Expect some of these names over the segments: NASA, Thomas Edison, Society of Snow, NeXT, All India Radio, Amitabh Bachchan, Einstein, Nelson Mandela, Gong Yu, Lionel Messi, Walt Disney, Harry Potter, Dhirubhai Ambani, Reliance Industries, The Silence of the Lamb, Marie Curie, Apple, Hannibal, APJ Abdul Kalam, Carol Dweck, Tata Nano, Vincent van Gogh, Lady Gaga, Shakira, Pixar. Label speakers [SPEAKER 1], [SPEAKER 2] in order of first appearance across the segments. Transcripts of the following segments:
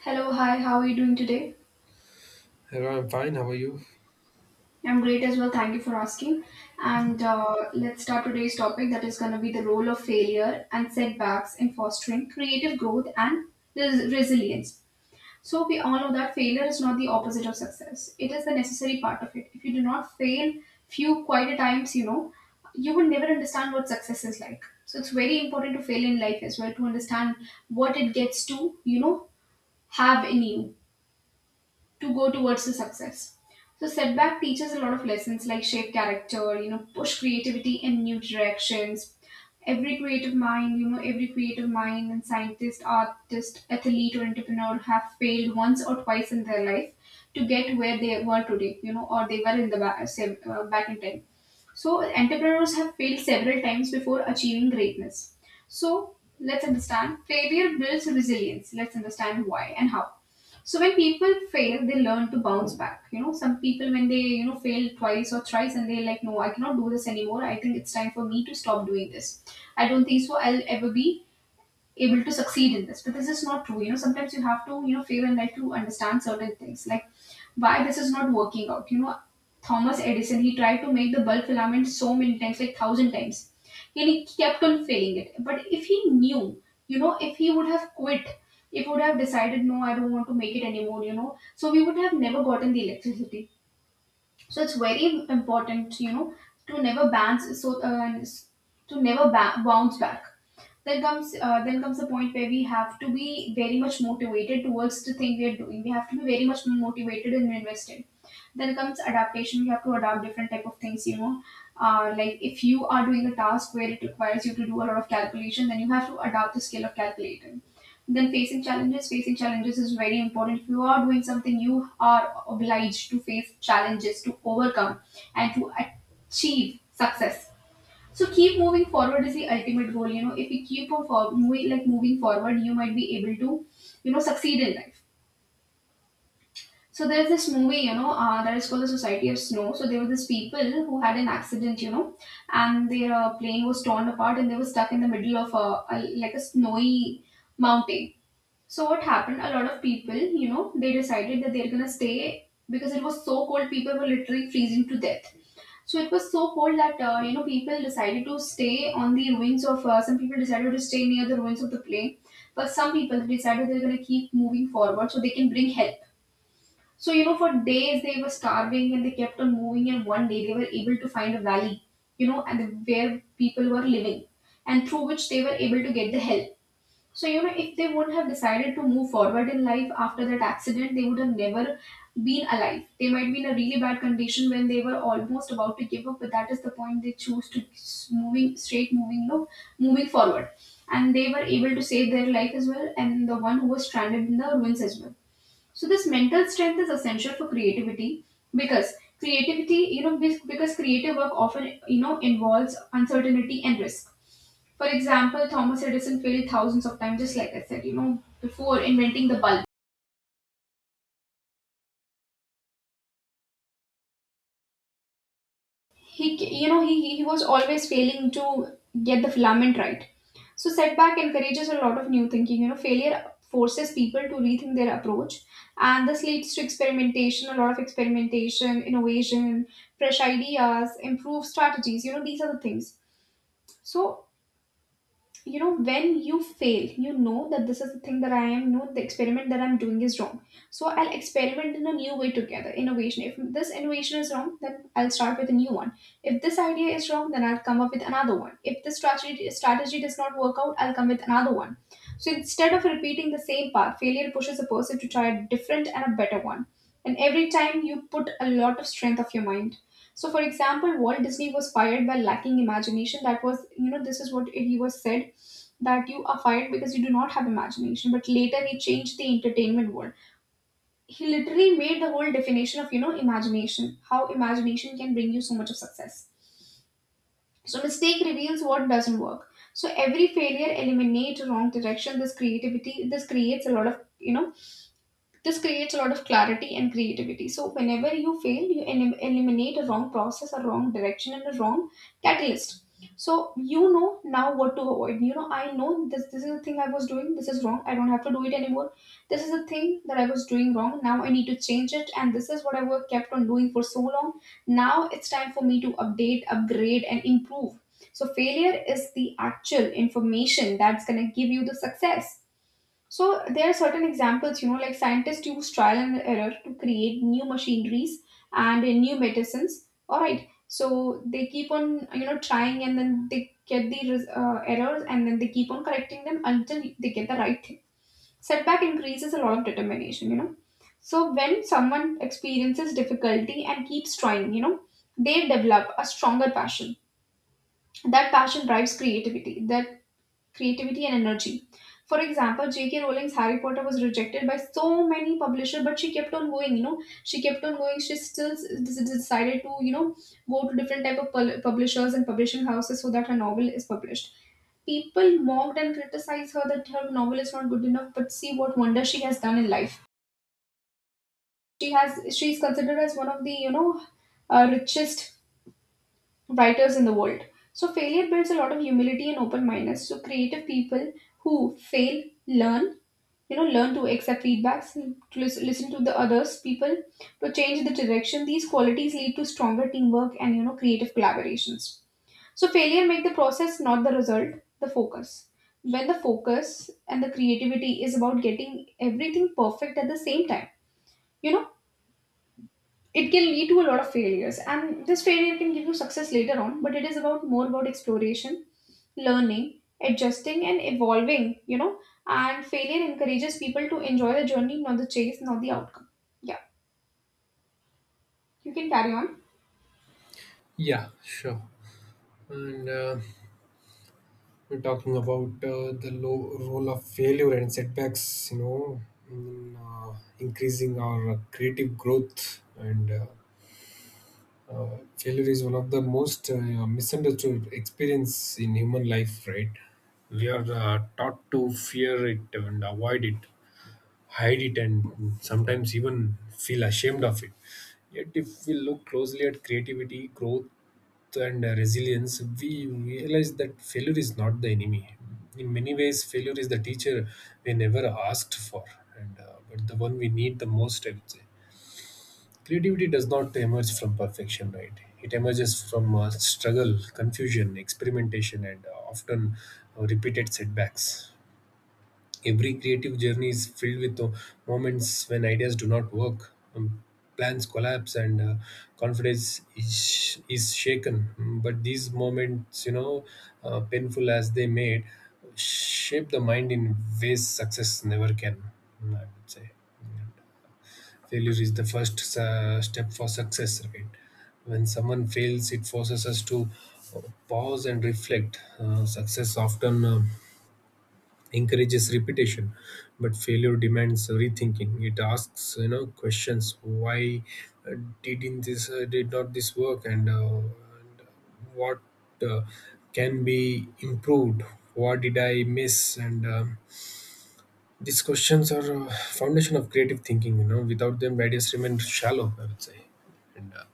[SPEAKER 1] Hello, hi, how are you doing today?
[SPEAKER 2] Hello, I'm fine. How are you?
[SPEAKER 1] I'm great as well, thank you for asking. And Let's start today's topic that is going to be the role of failure and setbacks in fostering creative growth and resilience. So, we all know that failure is not the opposite of success, it is the necessary part of it. If you do not fail few quite a times, you know, you will never understand what success is like. So, it's very important to fail in life as well to understand what it gets to, have in you to go towards the success. So setback teaches a lot of lessons like shape character, push creativity in new directions. Every creative mind, every creative mind and scientist, artist, athlete or entrepreneur have failed once or twice in their life to get where they were today, or they were in the back, say, back in time. So entrepreneurs have failed several times before achieving greatness. So let's understand failure builds resilience. Let's understand why and how. So when people fail, they learn to bounce back. You know, some people when they fail twice or thrice and they're like, no, I cannot do this anymore. I think it's time for me to stop doing this. I don't think so I'll ever be able to succeed in this, but this is not true. You know, sometimes you have to, fail in life to understand certain things like why this is not working out. Thomas Edison, he tried to make the bulb filament so many times, like thousand times, and he kept on failing it. But if he knew, you know, if he would have quit, if he would have decided no, I don't want to make it anymore, you know, so we would have never gotten the electricity. So it's very important, you know, to never bounce, to never bounce back. Then comes the point where we have to be very much motivated towards the thing we are doing. We have to be very much motivated and invested. Then comes adaptation. We have to adapt different type of things, you know, like if you are doing a task where it requires you to do a lot of calculation, then you have to adapt the skill of calculating. Then facing challenges. Facing challenges is very important. If you are doing something, you are obliged to face challenges to overcome and to achieve success. So keep moving forward is the ultimate goal. You know, if you keep on for moving, like moving forward, you might be able to, you know, succeed in life. So there's this movie, that is called the Society of Snow. So there were these people who had an accident, you know, and their plane was torn apart and they were stuck in the middle of a like a snowy mountain. So what happened? A lot of people, you know, they decided that they're gonna stay because it was so cold. People were literally freezing to death. So it was so cold that, you know, people decided to stay on the ruins of. Some people decided to stay near the ruins of the plane, but some people decided they're gonna keep moving forward so they can bring help. So you know, for days they were starving and they kept on moving. And one day they were able to find a valley, you know, and where people were living, and through which they were able to get the help. So, you know, if they wouldn't have decided to move forward in life after that accident, they would have never been alive. They might be in a really bad condition when they were almost about to give up, but that is the point they choose to moving straight, moving low, moving forward. And they were able to save their life as well, and the one who was stranded in the ruins as well. So this mental strength is essential for creativity, because creativity, you know, because creative work often, you know, involves uncertainty and risk. For example, Thomas Edison failed thousands of times, just like I said, you know, before inventing the bulb. He, c- you know, he was always failing to get the filament right. So setback encourages a lot of new thinking. You know, failure forces people to rethink their approach, and this leads to experimentation, a lot of experimentation, innovation, fresh ideas, improved strategies. You know, these are the things. So you know, when you fail, you know that this is the thing that I am no, the experiment that I'm doing is wrong. So I'll experiment in a new way together innovation. If this innovation is wrong, then I'll start with a new one. If this idea is wrong, then I'll come up with another one. If this strategy does not work out, I'll come with another one. So instead of repeating the same path, failure pushes a person to try a different and a better one, and every time you put a lot of strength of your mind. So for example, Walt Disney was fired by lacking imagination. That was, you know, this is what he was said, that you are fired because you do not have imagination. But later he changed the entertainment world. He literally made the whole definition of, you know, imagination, how imagination can bring you so much of success. So mistake reveals what doesn't work. So every failure eliminates wrong direction. This creates a lot of, you know, this creates a lot of clarity and creativity. So, whenever you fail, you eliminate a wrong process, a wrong direction, and a wrong catalyst. So, you know now what to avoid. You know, I know this, this is the thing I was doing, this is wrong, I don't have to do it anymore. This is the thing that I was doing wrong, now I need to change it, and this is what I was kept on doing for so long. Now it's time for me to update, upgrade, and improve. So, failure is the actual information that's going to give you the success. So there are certain examples, you know, like scientists use trial and error to create new machineries and new medicines. All right. So they keep on, you know, trying and then they get the errors, and then they keep on correcting them until they get the right thing. Setback increases a lot of determination, you know. So when someone experiences difficulty and keeps trying, you know, they develop a stronger passion. That passion drives creativity. That creativity and energy. For example, J.K. Rowling's Harry Potter was rejected by so many publishers, but she kept on going. You know, she kept on going. She still decided to, you know, go to different type of publishers and publishing houses so that her novel is published. People mocked and criticized her that her novel is not good enough, but see what wonder she has done in life. She is considered as one of the, you know, richest writers in the world. So failure builds a lot of humility and open mindedness. So creative people who fail learn, you know, learn to accept feedbacks, and to listen to the others people, to change the direction. These qualities lead to stronger teamwork and, you know, creative collaborations. So failure make the process, not the result, the focus. When the focus and the creativity is about getting everything perfect at the same time, you know, it can lead to a lot of failures, and this failure can give you success later on. But it is about more about exploration, learning, adjusting and evolving, you know. And failure encourages people to enjoy the journey, not the chase, not the outcome. Yeah, you can carry on.
[SPEAKER 2] Yeah, sure. And we're talking about the low role of failure and setbacks, in increasing our creative growth. And failure is one of the most misunderstood experience in human life, right? We are taught to fear it and avoid it, hide it and sometimes even feel ashamed of it. Yet, if we look closely at creativity, growth, and resilience, we realize that failure is not the enemy. In many ways, failure is the teacher we never asked for, and but the one we need the most, I would say. Creativity does not emerge from perfection, right? It emerges from struggle, confusion, experimentation, and often repeated setbacks. Every creative journey is filled with moments when ideas do not work, plans collapse, and confidence is shaken. But these moments, painful as they made, shape the mind in ways success never can, I would say. And failure is the first step for success, right? When someone fails, it forces us to uh, pause and reflect. Success often encourages repetition, but failure demands rethinking. It asks, questions. Why uh, did not this work, and what uh, can be improved, what did I miss? And these questions are foundation of creative thinking, without them ideas remain shallow, I would say. And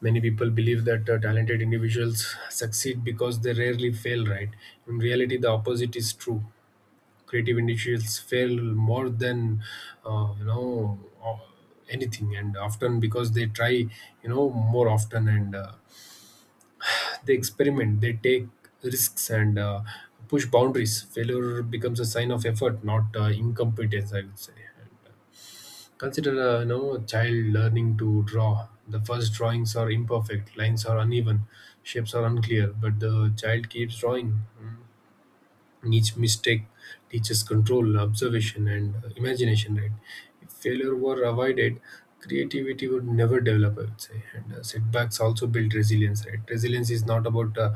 [SPEAKER 2] many people believe that talented individuals succeed because they rarely fail, right? In reality, the opposite is true. Creative individuals fail more than of anything, and often because they try, more often, and they experiment, they take risks, and push boundaries. Failure becomes a sign of effort, not incompetence, I would say. Consider, a child learning to draw. The first drawings are imperfect, lines are uneven, shapes are unclear, but the child keeps drawing. Each mistake teaches control, observation, and imagination, right? If failure were avoided, creativity would never develop, I would say. And setbacks also build resilience, right? Resilience is not about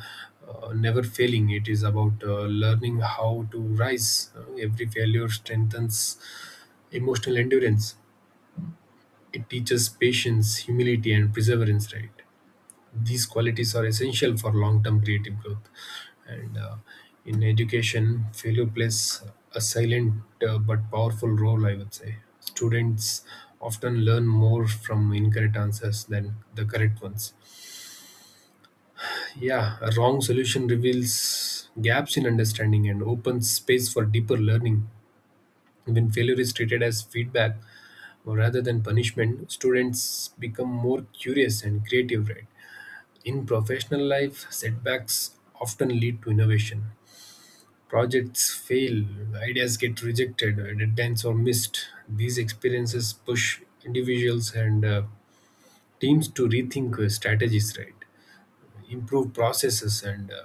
[SPEAKER 2] never failing, it is about learning how to rise. Every failure strengthens emotional endurance. It teaches patience, humility, and perseverance, right? These qualities are essential for long-term creative growth. And in education, failure plays a silent but powerful role, I would say. Students often learn more from incorrect answers than the correct ones. Yeah, a wrong solution reveals gaps in understanding and opens space for deeper learning. When failure is treated as feedback rather than punishment, students become more curious and creative, right? In professional life, setbacks often lead to innovation. Projects fail, ideas get rejected, deadlines are missed. These experiences push individuals and teams to rethink strategies, right? Improve processes and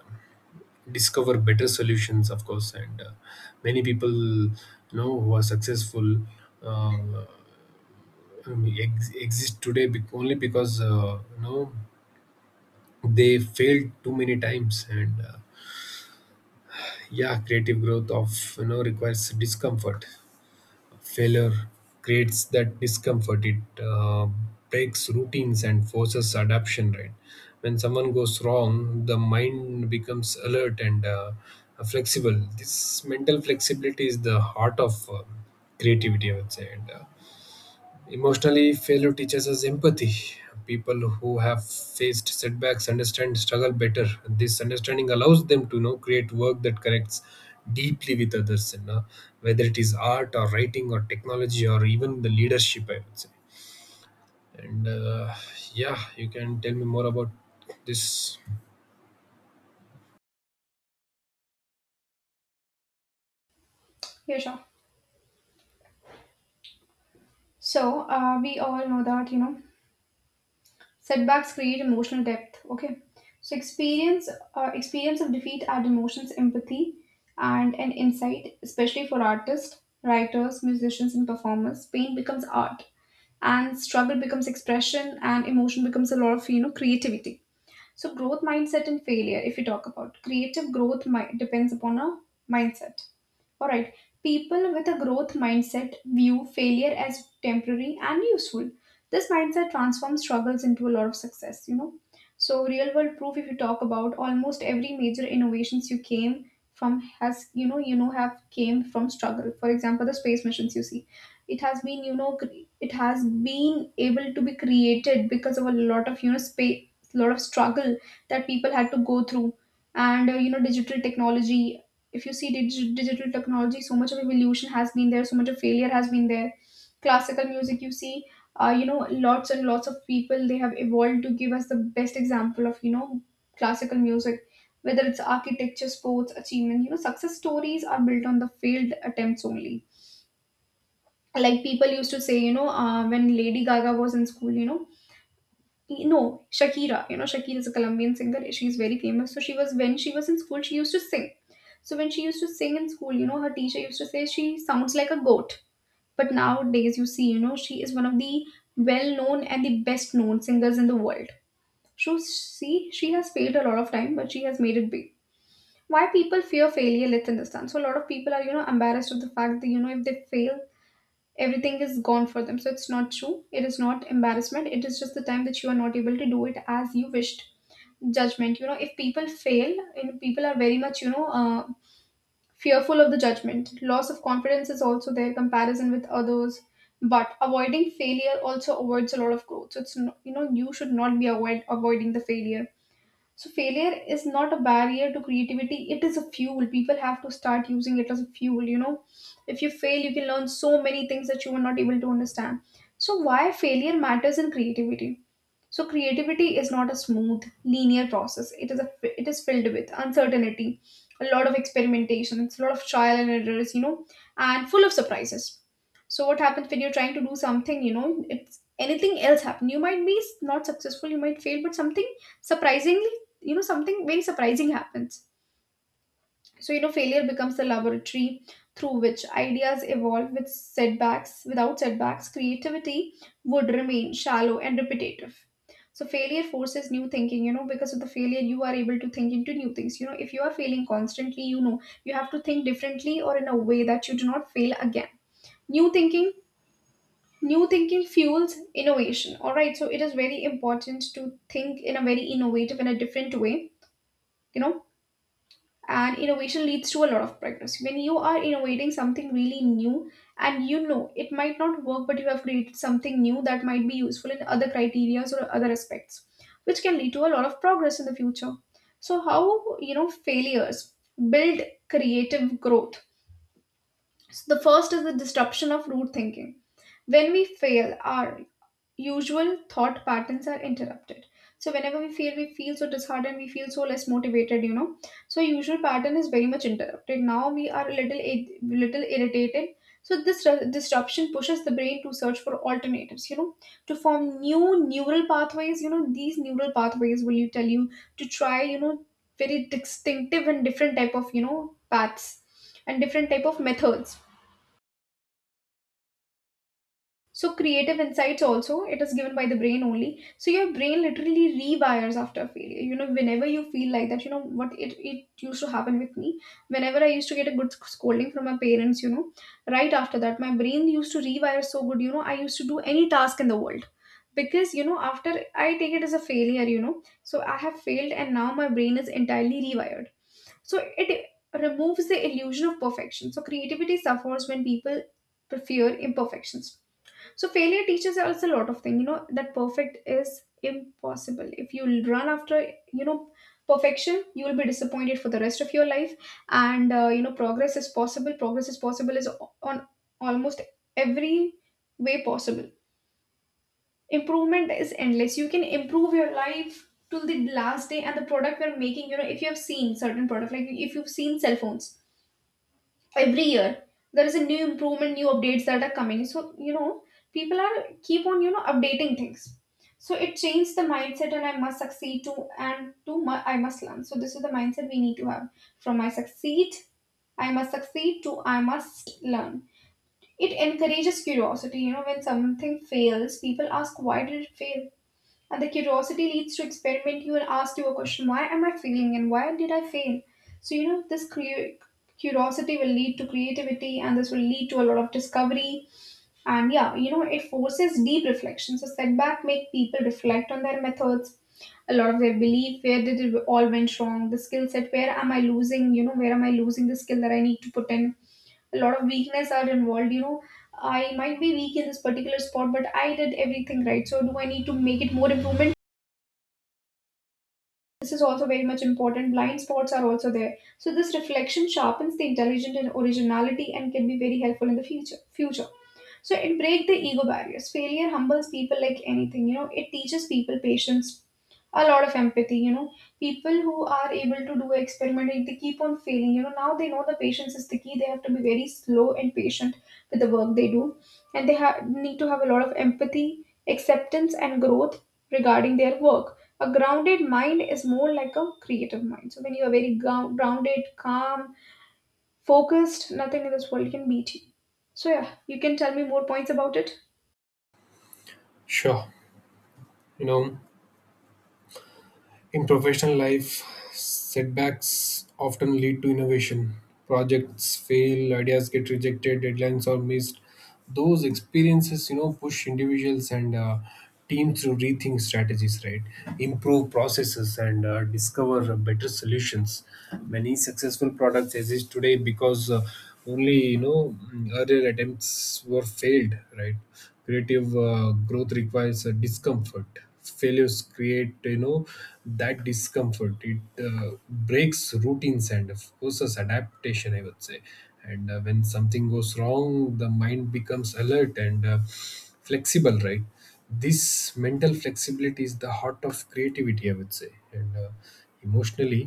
[SPEAKER 2] discover better solutions, of course. And many people, who are successful uh, exist today, only because they failed too many times, and yeah, creative growth of requires discomfort. Failure creates that discomfort. It breaks routines and forces adaptation. Right. When someone goes wrong, the mind becomes alert and flexible. This mental flexibility is the heart of creativity, I would say. And emotionally, failure teaches us empathy. People who have faced setbacks understand struggle better. This understanding allows them to, create work that connects deeply with others, and whether it is art or writing or technology or even the leadership, I would say. And yeah, you can tell me more about this.
[SPEAKER 1] Yeah, sure. So we all know that, you know, setbacks create emotional depth. Okay. So experience of defeat add emotions, empathy, and an insight. Especially for artists, writers, musicians and performers, pain becomes art, and struggle becomes expression, and emotion becomes a lot of, you know, creativity. So, growth mindset and failure, if you talk about creative growth, depends upon a mindset. All right. People with a growth mindset view failure as temporary and useful. This mindset transforms struggles into a lot of success, you know. So, real world proof, if you talk about almost every major innovations you came from has have came from struggle. For example, the space missions you see, it has been it has been able to be created because of a lot of you know spa a lot of struggle that people had to go through. And you know, digital technology, if you see digital technology, so much of evolution has been there, so much of failure has been there. Classical music, you see, you know, lots and lots of people, they have evolved to give us the best example of you know classical music. Whether it's architecture, sports achievement, you know, success stories are built on the failed attempts only. Like people used to say, when Lady Gaga was in school, you know, no, Shakira, you know, Shakira is a Colombian singer, she's very famous. So she was, when she was in school, she used to sing. So when she used to sing in school, you know, her teacher used to say she sounds like a goat. But nowadays you see, you know, she is one of the well known and the best known singers in the world. So see, she has failed a lot of time, but she has made it big. Why people fear failure, let's understand. So a lot of people are, you know, embarrassed of the fact that, you know, if they fail, everything is gone for them. So it's not true. It is not embarrassment, it is just the time that you are not able to do it as you wished. Judgment, you know, if people fail, you know, people are very much fearful of the judgment. Loss of confidence is also there, comparison with others. But avoiding failure also avoids a lot of growth. So it's no, you know, you should not be avoiding the failure. So failure is not a barrier to creativity, it is a fuel. People have to start using it as a fuel, you know. If you fail, you can learn so many things that you were not able to understand. So why failure matters in creativity. So creativity is not a smooth, linear process. It is a, it is filled with uncertainty, a lot of experimentation, it's a lot of trial and errors, you know, and full of surprises. So what happens when you're trying to do something, you know, it's anything else happen. You might be not successful, you might fail, but something surprisingly, you know, something very surprising happens. So, you know, failure becomes the laboratory through which ideas evolve with setbacks. Without setbacks, creativity would remain shallow and repetitive. So, failure forces new thinking, you know, because of the failure, you are able to think into new things. You know, if you are failing constantly, you know, you have to think differently or in a way that you do not fail again. New thinking. New thinking fuels innovation. All right, so it is very important to think in a very innovative and a different way. You know, and innovation leads to a lot of progress when you are innovating something really new, and you know it might not work, but you have created something new that might be useful in other criteria or other aspects, which can lead to a lot of progress in the future. So how, you know, failures build creative growth. So the first is the disruption of root thinking. When we fail, our usual thought patterns are interrupted. So whenever we feel so disheartened, we feel so less motivated, you know. So usual pattern is very much interrupted, now we are a little irritated. So this disruption pushes the brain to search for alternatives, you know, to form new neural pathways. You know, these neural pathways will you tell you to try, you know, very distinctive and different type of, you know, paths and different type of methods. So creative insights also, it is given by the brain only. So your brain literally rewires after failure. You know, whenever you feel like that, you know what, it used to happen with me. Whenever I used to get a good scolding from my parents, you know, right after that, my brain used to rewire so good, you know, I used to do any task in the world. Because, you know, after I take it as a failure, you know, so I have failed and now my brain is entirely rewired. So it removes the illusion of perfection. So creativity suffers when people fear imperfections. So failure teaches us a lot of things. You know that perfect is impossible. If you run after, you know, perfection, you will be disappointed for the rest of your life. And you know, progress is possible. Progress is possible is on almost every way possible. Improvement is endless. You can improve your life till the last day, and the product we're making. You know, if you have seen certain product, like if you've seen cell phones, every year there is a new improvement, new updates that are coming. So you know, people are keep on, you know, updating things. So it changed the mindset, and I must succeed too and too much, I must learn. So this is the mindset we need to have. From I succeed, I must succeed, to I must learn. It encourages curiosity. You know, when something fails, people ask, why did it fail? And the curiosity leads to experiment. You will ask you a question, why am I failing and why did I fail? So, you know, curiosity will lead to creativity, and this will lead to a lot of discovery. And yeah, you know, it forces deep reflection. So, setback make people reflect on their methods, a lot of their belief, where did it all went wrong, the skill set, where am I losing, you know, where am I losing the skill that I need to put in. A lot of weakness are involved, you know, I might be weak in this particular spot, but I did everything right. So do I need to make it more improvement? This is also very much important. Blind spots are also there. So this reflection sharpens the intelligence and originality and can be very helpful in the future. Future. So it break the ego barriers. Failure humbles people like anything. You know, it teaches people patience, a lot of empathy. You know, people who are able to do experimenting, they keep on failing. You know, now they know the patience is the key. They have to be very slow and patient with the work they do, and they need to have a lot of empathy, acceptance, and growth regarding their work. A grounded mind is more like a creative mind. So when you are very grounded, calm, focused, nothing in this world can beat you. So yeah, you can tell me more points about it.
[SPEAKER 2] Sure, you know. In professional life, setbacks often lead to innovation. Projects fail, ideas get rejected, deadlines are missed. Those experiences, push individuals and teams to rethink strategies, right? Improve processes and discover better solutions. Many successful products exist today because only, earlier attempts were failed, right? Creative growth requires a discomfort. Failures create, that discomfort. It breaks routines and of course as adaptation, I would say. And when something goes wrong, the mind becomes alert and flexible, right? This mental flexibility is the heart of creativity, I would say. And emotionally,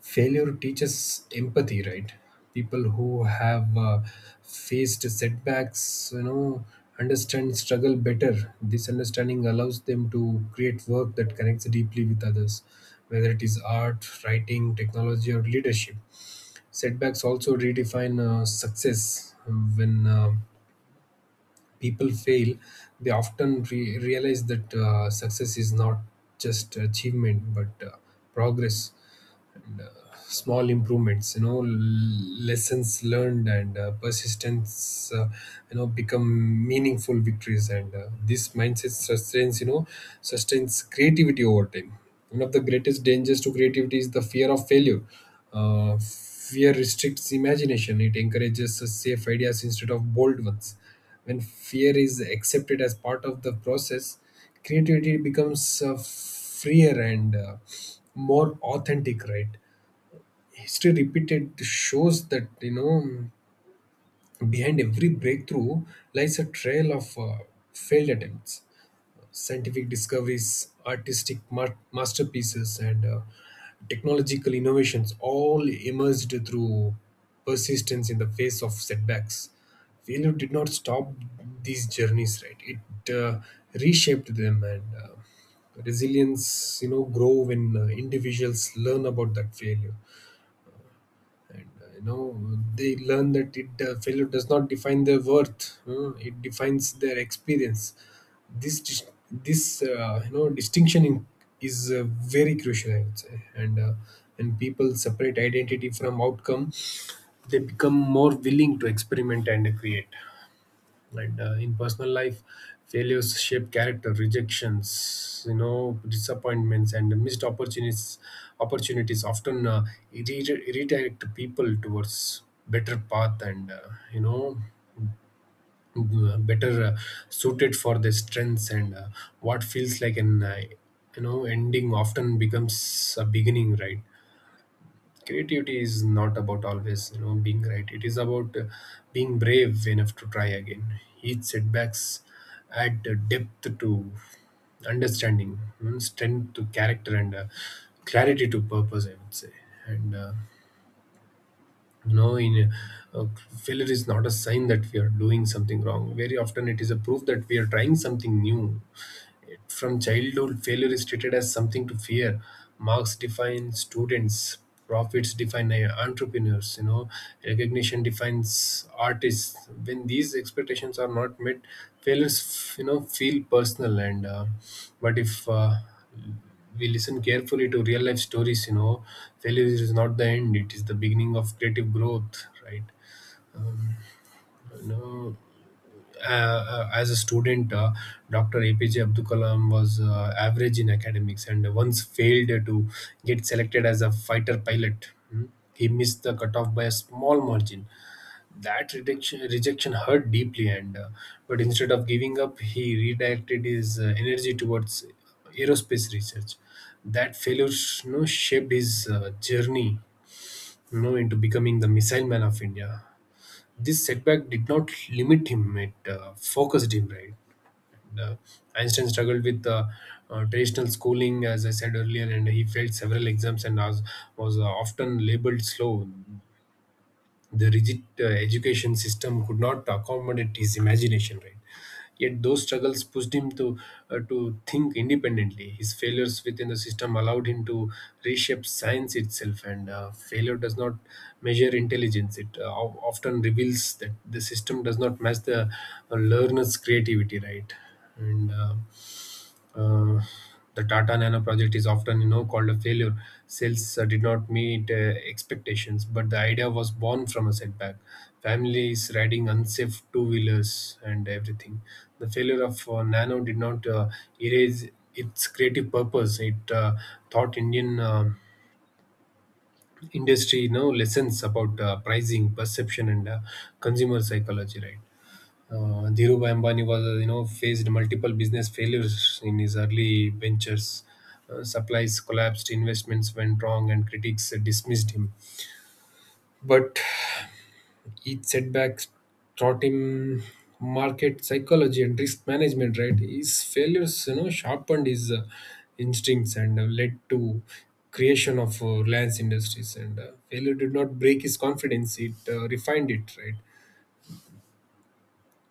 [SPEAKER 2] failure teaches empathy, right? People who have faced setbacks, understand struggle better. This understanding allows them to create work that connects deeply with others, whether it is art, writing, technology, or leadership. Setbacks also redefine success. When people fail, they often realize that success is not just achievement but progress, small improvements, lessons learned, and persistence, become meaningful victories, and this mindset sustains you know sustains creativity over time. One of the greatest dangers to creativity is the fear of failure. Fear restricts imagination. It encourages safe ideas instead of bold ones. When fear is accepted as part of the process, creativity becomes freer and more authentic, right? History repeated shows that, behind every breakthrough lies a trail of failed attempts: scientific discoveries, artistic masterpieces, and technological innovations all emerged through persistence in the face of setbacks. Failure did not stop these journeys, right? It reshaped them, and resilience, grow when individuals learn about that failure, and they learn that it, failure does not define their worth, it defines their experience. This distinction in, is very crucial, I would say. And when people separate identity from outcome, they become more willing to experiment and create, right? In personal life, failures shape character. Rejections, disappointments, and missed opportunities, often redirect people towards better path, and you know better, suited for their strengths, and what feels like an ending often becomes a beginning, right? Creativity is not about always being right. It is about being brave enough to try again. Each setbacks add depth to understanding, strength to character, and clarity to purpose, I would say. And in, uh, failure is not a sign that we are doing something wrong. Very often, it is a proof that we are trying something new. From childhood, failure is treated as something to fear. Marks define students, profits define entrepreneurs, recognition defines artists. When these expectations are not met, failures, feel personal. And but if we listen carefully to real life stories, failure is not the end; it is the beginning of creative growth, right? Um, you know, as a student, Dr. APJ Abdul Kalam was average in academics and once failed to get selected as a fighter pilot. Hmm. He missed the cutoff by a small margin. That rejection hurt deeply, and but instead of giving up, he redirected his energy towards aerospace research. That failure, shaped his journey, into becoming the missile man of India. This setback did not limit him; it focused him. Right? Uh, Einstein struggled with traditional schooling, as I said earlier, and he failed several exams and was often labeled slow. The rigid education system could not accommodate his imagination, right? Yet those struggles pushed him to, to think independently. His failures within the system allowed him to reshape science itself. And failure does not measure intelligence; it often reveals that the system does not match the learner's creativity. Right. And uh, the Tata Nano project is often, called a failure. Sales did not meet expectations, but the idea was born from a setback. Families riding unsafe two-wheelers and everything. The failure of Nano did not erase its creative purpose. It taught Indian industry, lessons about pricing, perception, and consumer psychology. Right. Dhirubhai Ambani faced multiple business failures in his early ventures. Supplies collapsed, investments went wrong, and critics dismissed him. But each setback taught him market psychology and risk management. Right. His failures, sharpened his instincts, and led to creation of Reliance Industries. And failure did not break his confidence; it refined it. Right.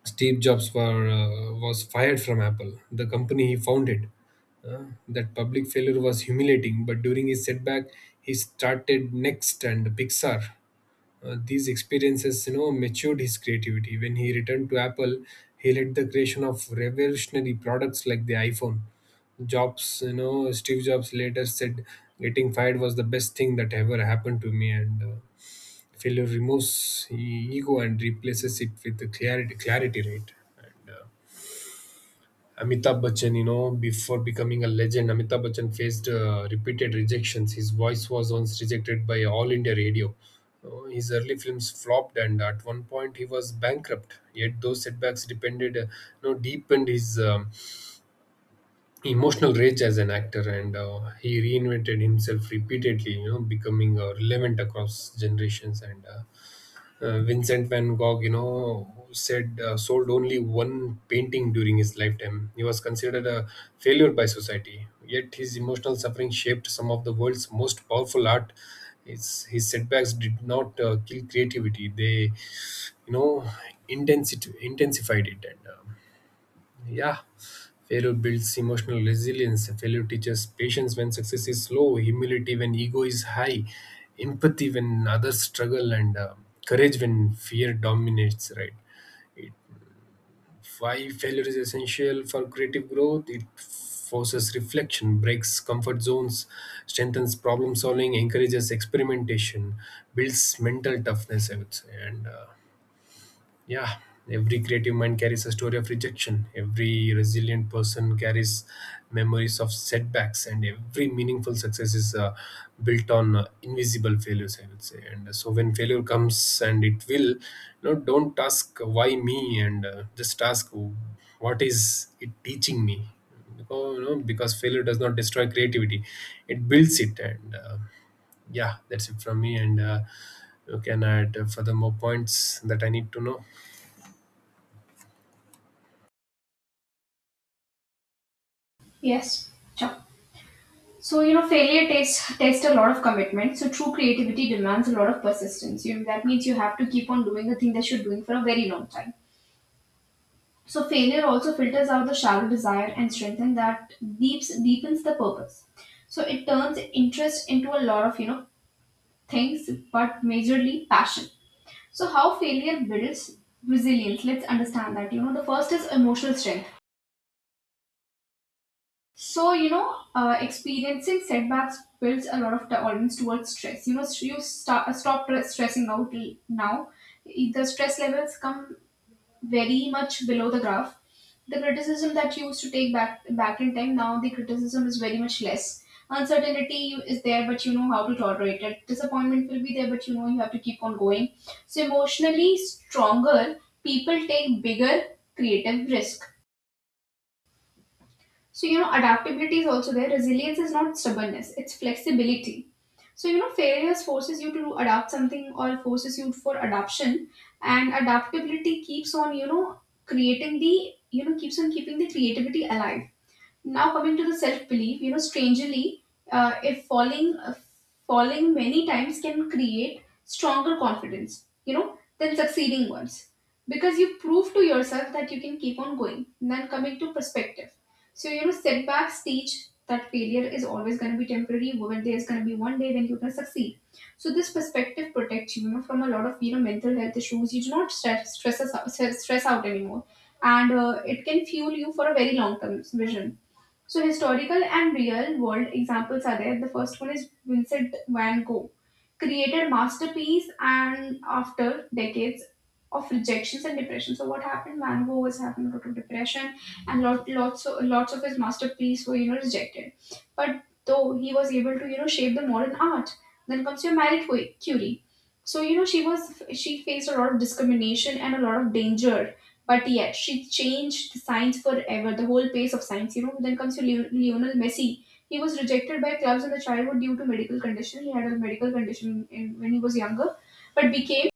[SPEAKER 2] Steve Jobs was fired from Apple, the company he founded. That public failure was humiliating, but during his setback, he started Next and Pixar. These experiences, matured his creativity. When he returned to Apple, he led the creation of revolutionary products like the iPhone. Steve Jobs later said, "Getting fired was the best thing that ever happened to me," and failure removes ego and replaces it with the clarity, right. And Amitabh Bachchan, before becoming a legend, Amitabh Bachchan faced repeated rejections. His voice was once rejected by All India Radio. His early films flopped, and at one point he was bankrupt. Yet those setbacks depended you know deepened his emotional rage as an actor, and he reinvented himself repeatedly, becoming relevant across generations. And Vincent van Gogh, said sold only one painting during his lifetime. He was considered a failure by society. Yet his emotional suffering shaped some of the world's most powerful art. His setbacks did not kill creativity; they, you know, intensity intensified it. And yeah, failure builds emotional resilience. Failure teaches patience when success is slow, humility when ego is high, empathy when others struggle, and courage when fear dominates, right? Why failure is essential for creative growth? It forces reflection, breaks comfort zones, strengthens problem solving, encourages experimentation, builds mental toughness, I would say. And yeah, every creative mind carries a story of rejection. Every resilient person carries memories of setbacks, and every meaningful success is built on invisible failures, I would say. And so when failure comes, and it will, don't ask why me, and just ask what is it teaching me. Because failure does not destroy creativity; it builds it, and yeah, that's it from me. And you can add further more points that I need to know.
[SPEAKER 1] Yes, sure. So you know, failure takes a lot of commitment. So true creativity demands a lot of persistence. You, that means you have to keep on doing the thing that you're doing for a very long time. So failure also filters out the shallow desire and strengthens that, deeps deepens the purpose. So it turns interest into a lot of, you know, things, but majorly passion. So how failure builds resilience? Let's understand that. You know, the first is emotional strength. So you know, experiencing setbacks builds a lot of tolerance towards stress. You know, you stop stressing out now. The stress levels come very much below the graph. The criticism that you used to take back in time, now the criticism is very much less. Uncertainty is there, but you know how to tolerate it. Disappointment will be there, but you know you have to keep on going. So emotionally stronger people take bigger creative risk. So, you know, adaptability is also there. Resilience is not stubbornness, it's flexibility. So, you know, failures forces you to adapt something or forces you for adoption. And adaptability keeps on, you know, creating the, you know, keeps on keeping the creativity alive. Now coming to the self belief, you know, strangely, if falling falling many times can create stronger confidence, you know, than succeeding once, because you prove to yourself that you can keep on going. And then coming to perspective, so you know, setbacks teach that failure is always going to be temporary, where there's going to be one day when you can succeed. So this perspective protects you, you know, from a lot of, you know, mental health issues. You do not stress out anymore. And it can fuel you for a very long term vision. So historical and real world examples are there. The first one is Vincent van Gogh, created masterpiece and after decades of rejections and depression. So what happened? Van Gogh was having a lot of depression, and lots of his masterpiece were, you know, rejected. But though he was able to, you know, shape the modern art. Then comes your Curie. So you know, she faced a lot of discrimination and a lot of danger, but yet, she changed science forever, the whole pace of science. You know, then comes to Lionel Messi. He was rejected by clubs in the childhood due to medical condition. He had a medical condition in, when he was younger, but became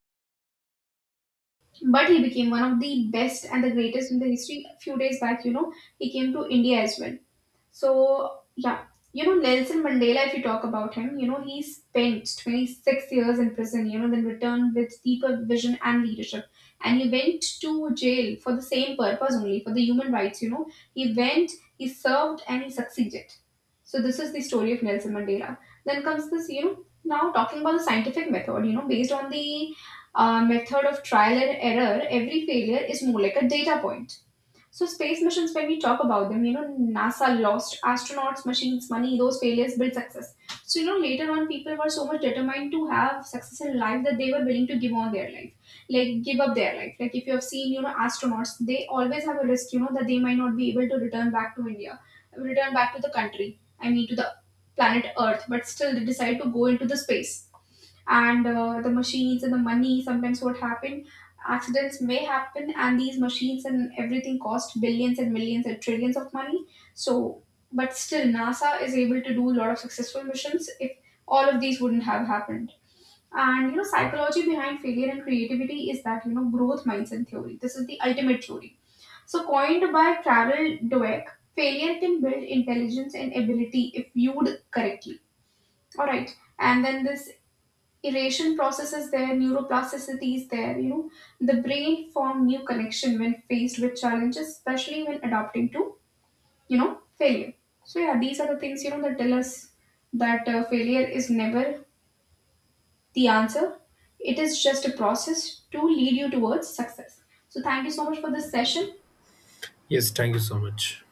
[SPEAKER 1] but he became one of the best and the greatest in the history. A few days back, you know, he came to India as well. So, yeah, you know, Nelson Mandela, if you talk about him, you know, he spent 26 years in prison, you know, then returned with deeper vision and leadership. And he went to jail for the same purpose only, for the human rights, you know. He went, he served, and he succeeded. So, this is the story of Nelson Mandela. Then comes this, you know, now talking about the scientific method, you know, based on the method of trial and error, every failure is more like a data point. So space missions, when we talk about them, you know, NASA lost astronauts, machines, money. Those failures built success. So you know, later on, people were so much determined to have success in life that they were willing to give on their life, like give up their life. Like if you have seen, you know, astronauts, they always have a risk, you know, that they might not be able to return back to India, return back to the country. I mean, to the planet Earth, but still they decide to go into the space. And the machines and the money, sometimes what happened, accidents may happen, and these machines and everything cost billions and millions and trillions of money. So, but still NASA is able to do a lot of successful missions, if all of these wouldn't have happened. And you know, psychology behind failure and creativity is that, you know, growth mindset theory, this is the ultimate theory. So coined by Carol Dweck, failure can build intelligence and ability if viewed correctly. All right. And then this erasure process is there, neuroplasticity is there, you know. The brain form new connection when faced with challenges, especially when adapting to, you know, failure. So yeah, these are the things, you know, that tell us that failure is never the answer. It is just a process to lead you towards success. So thank you so much for this session.
[SPEAKER 2] Yes, thank you so much.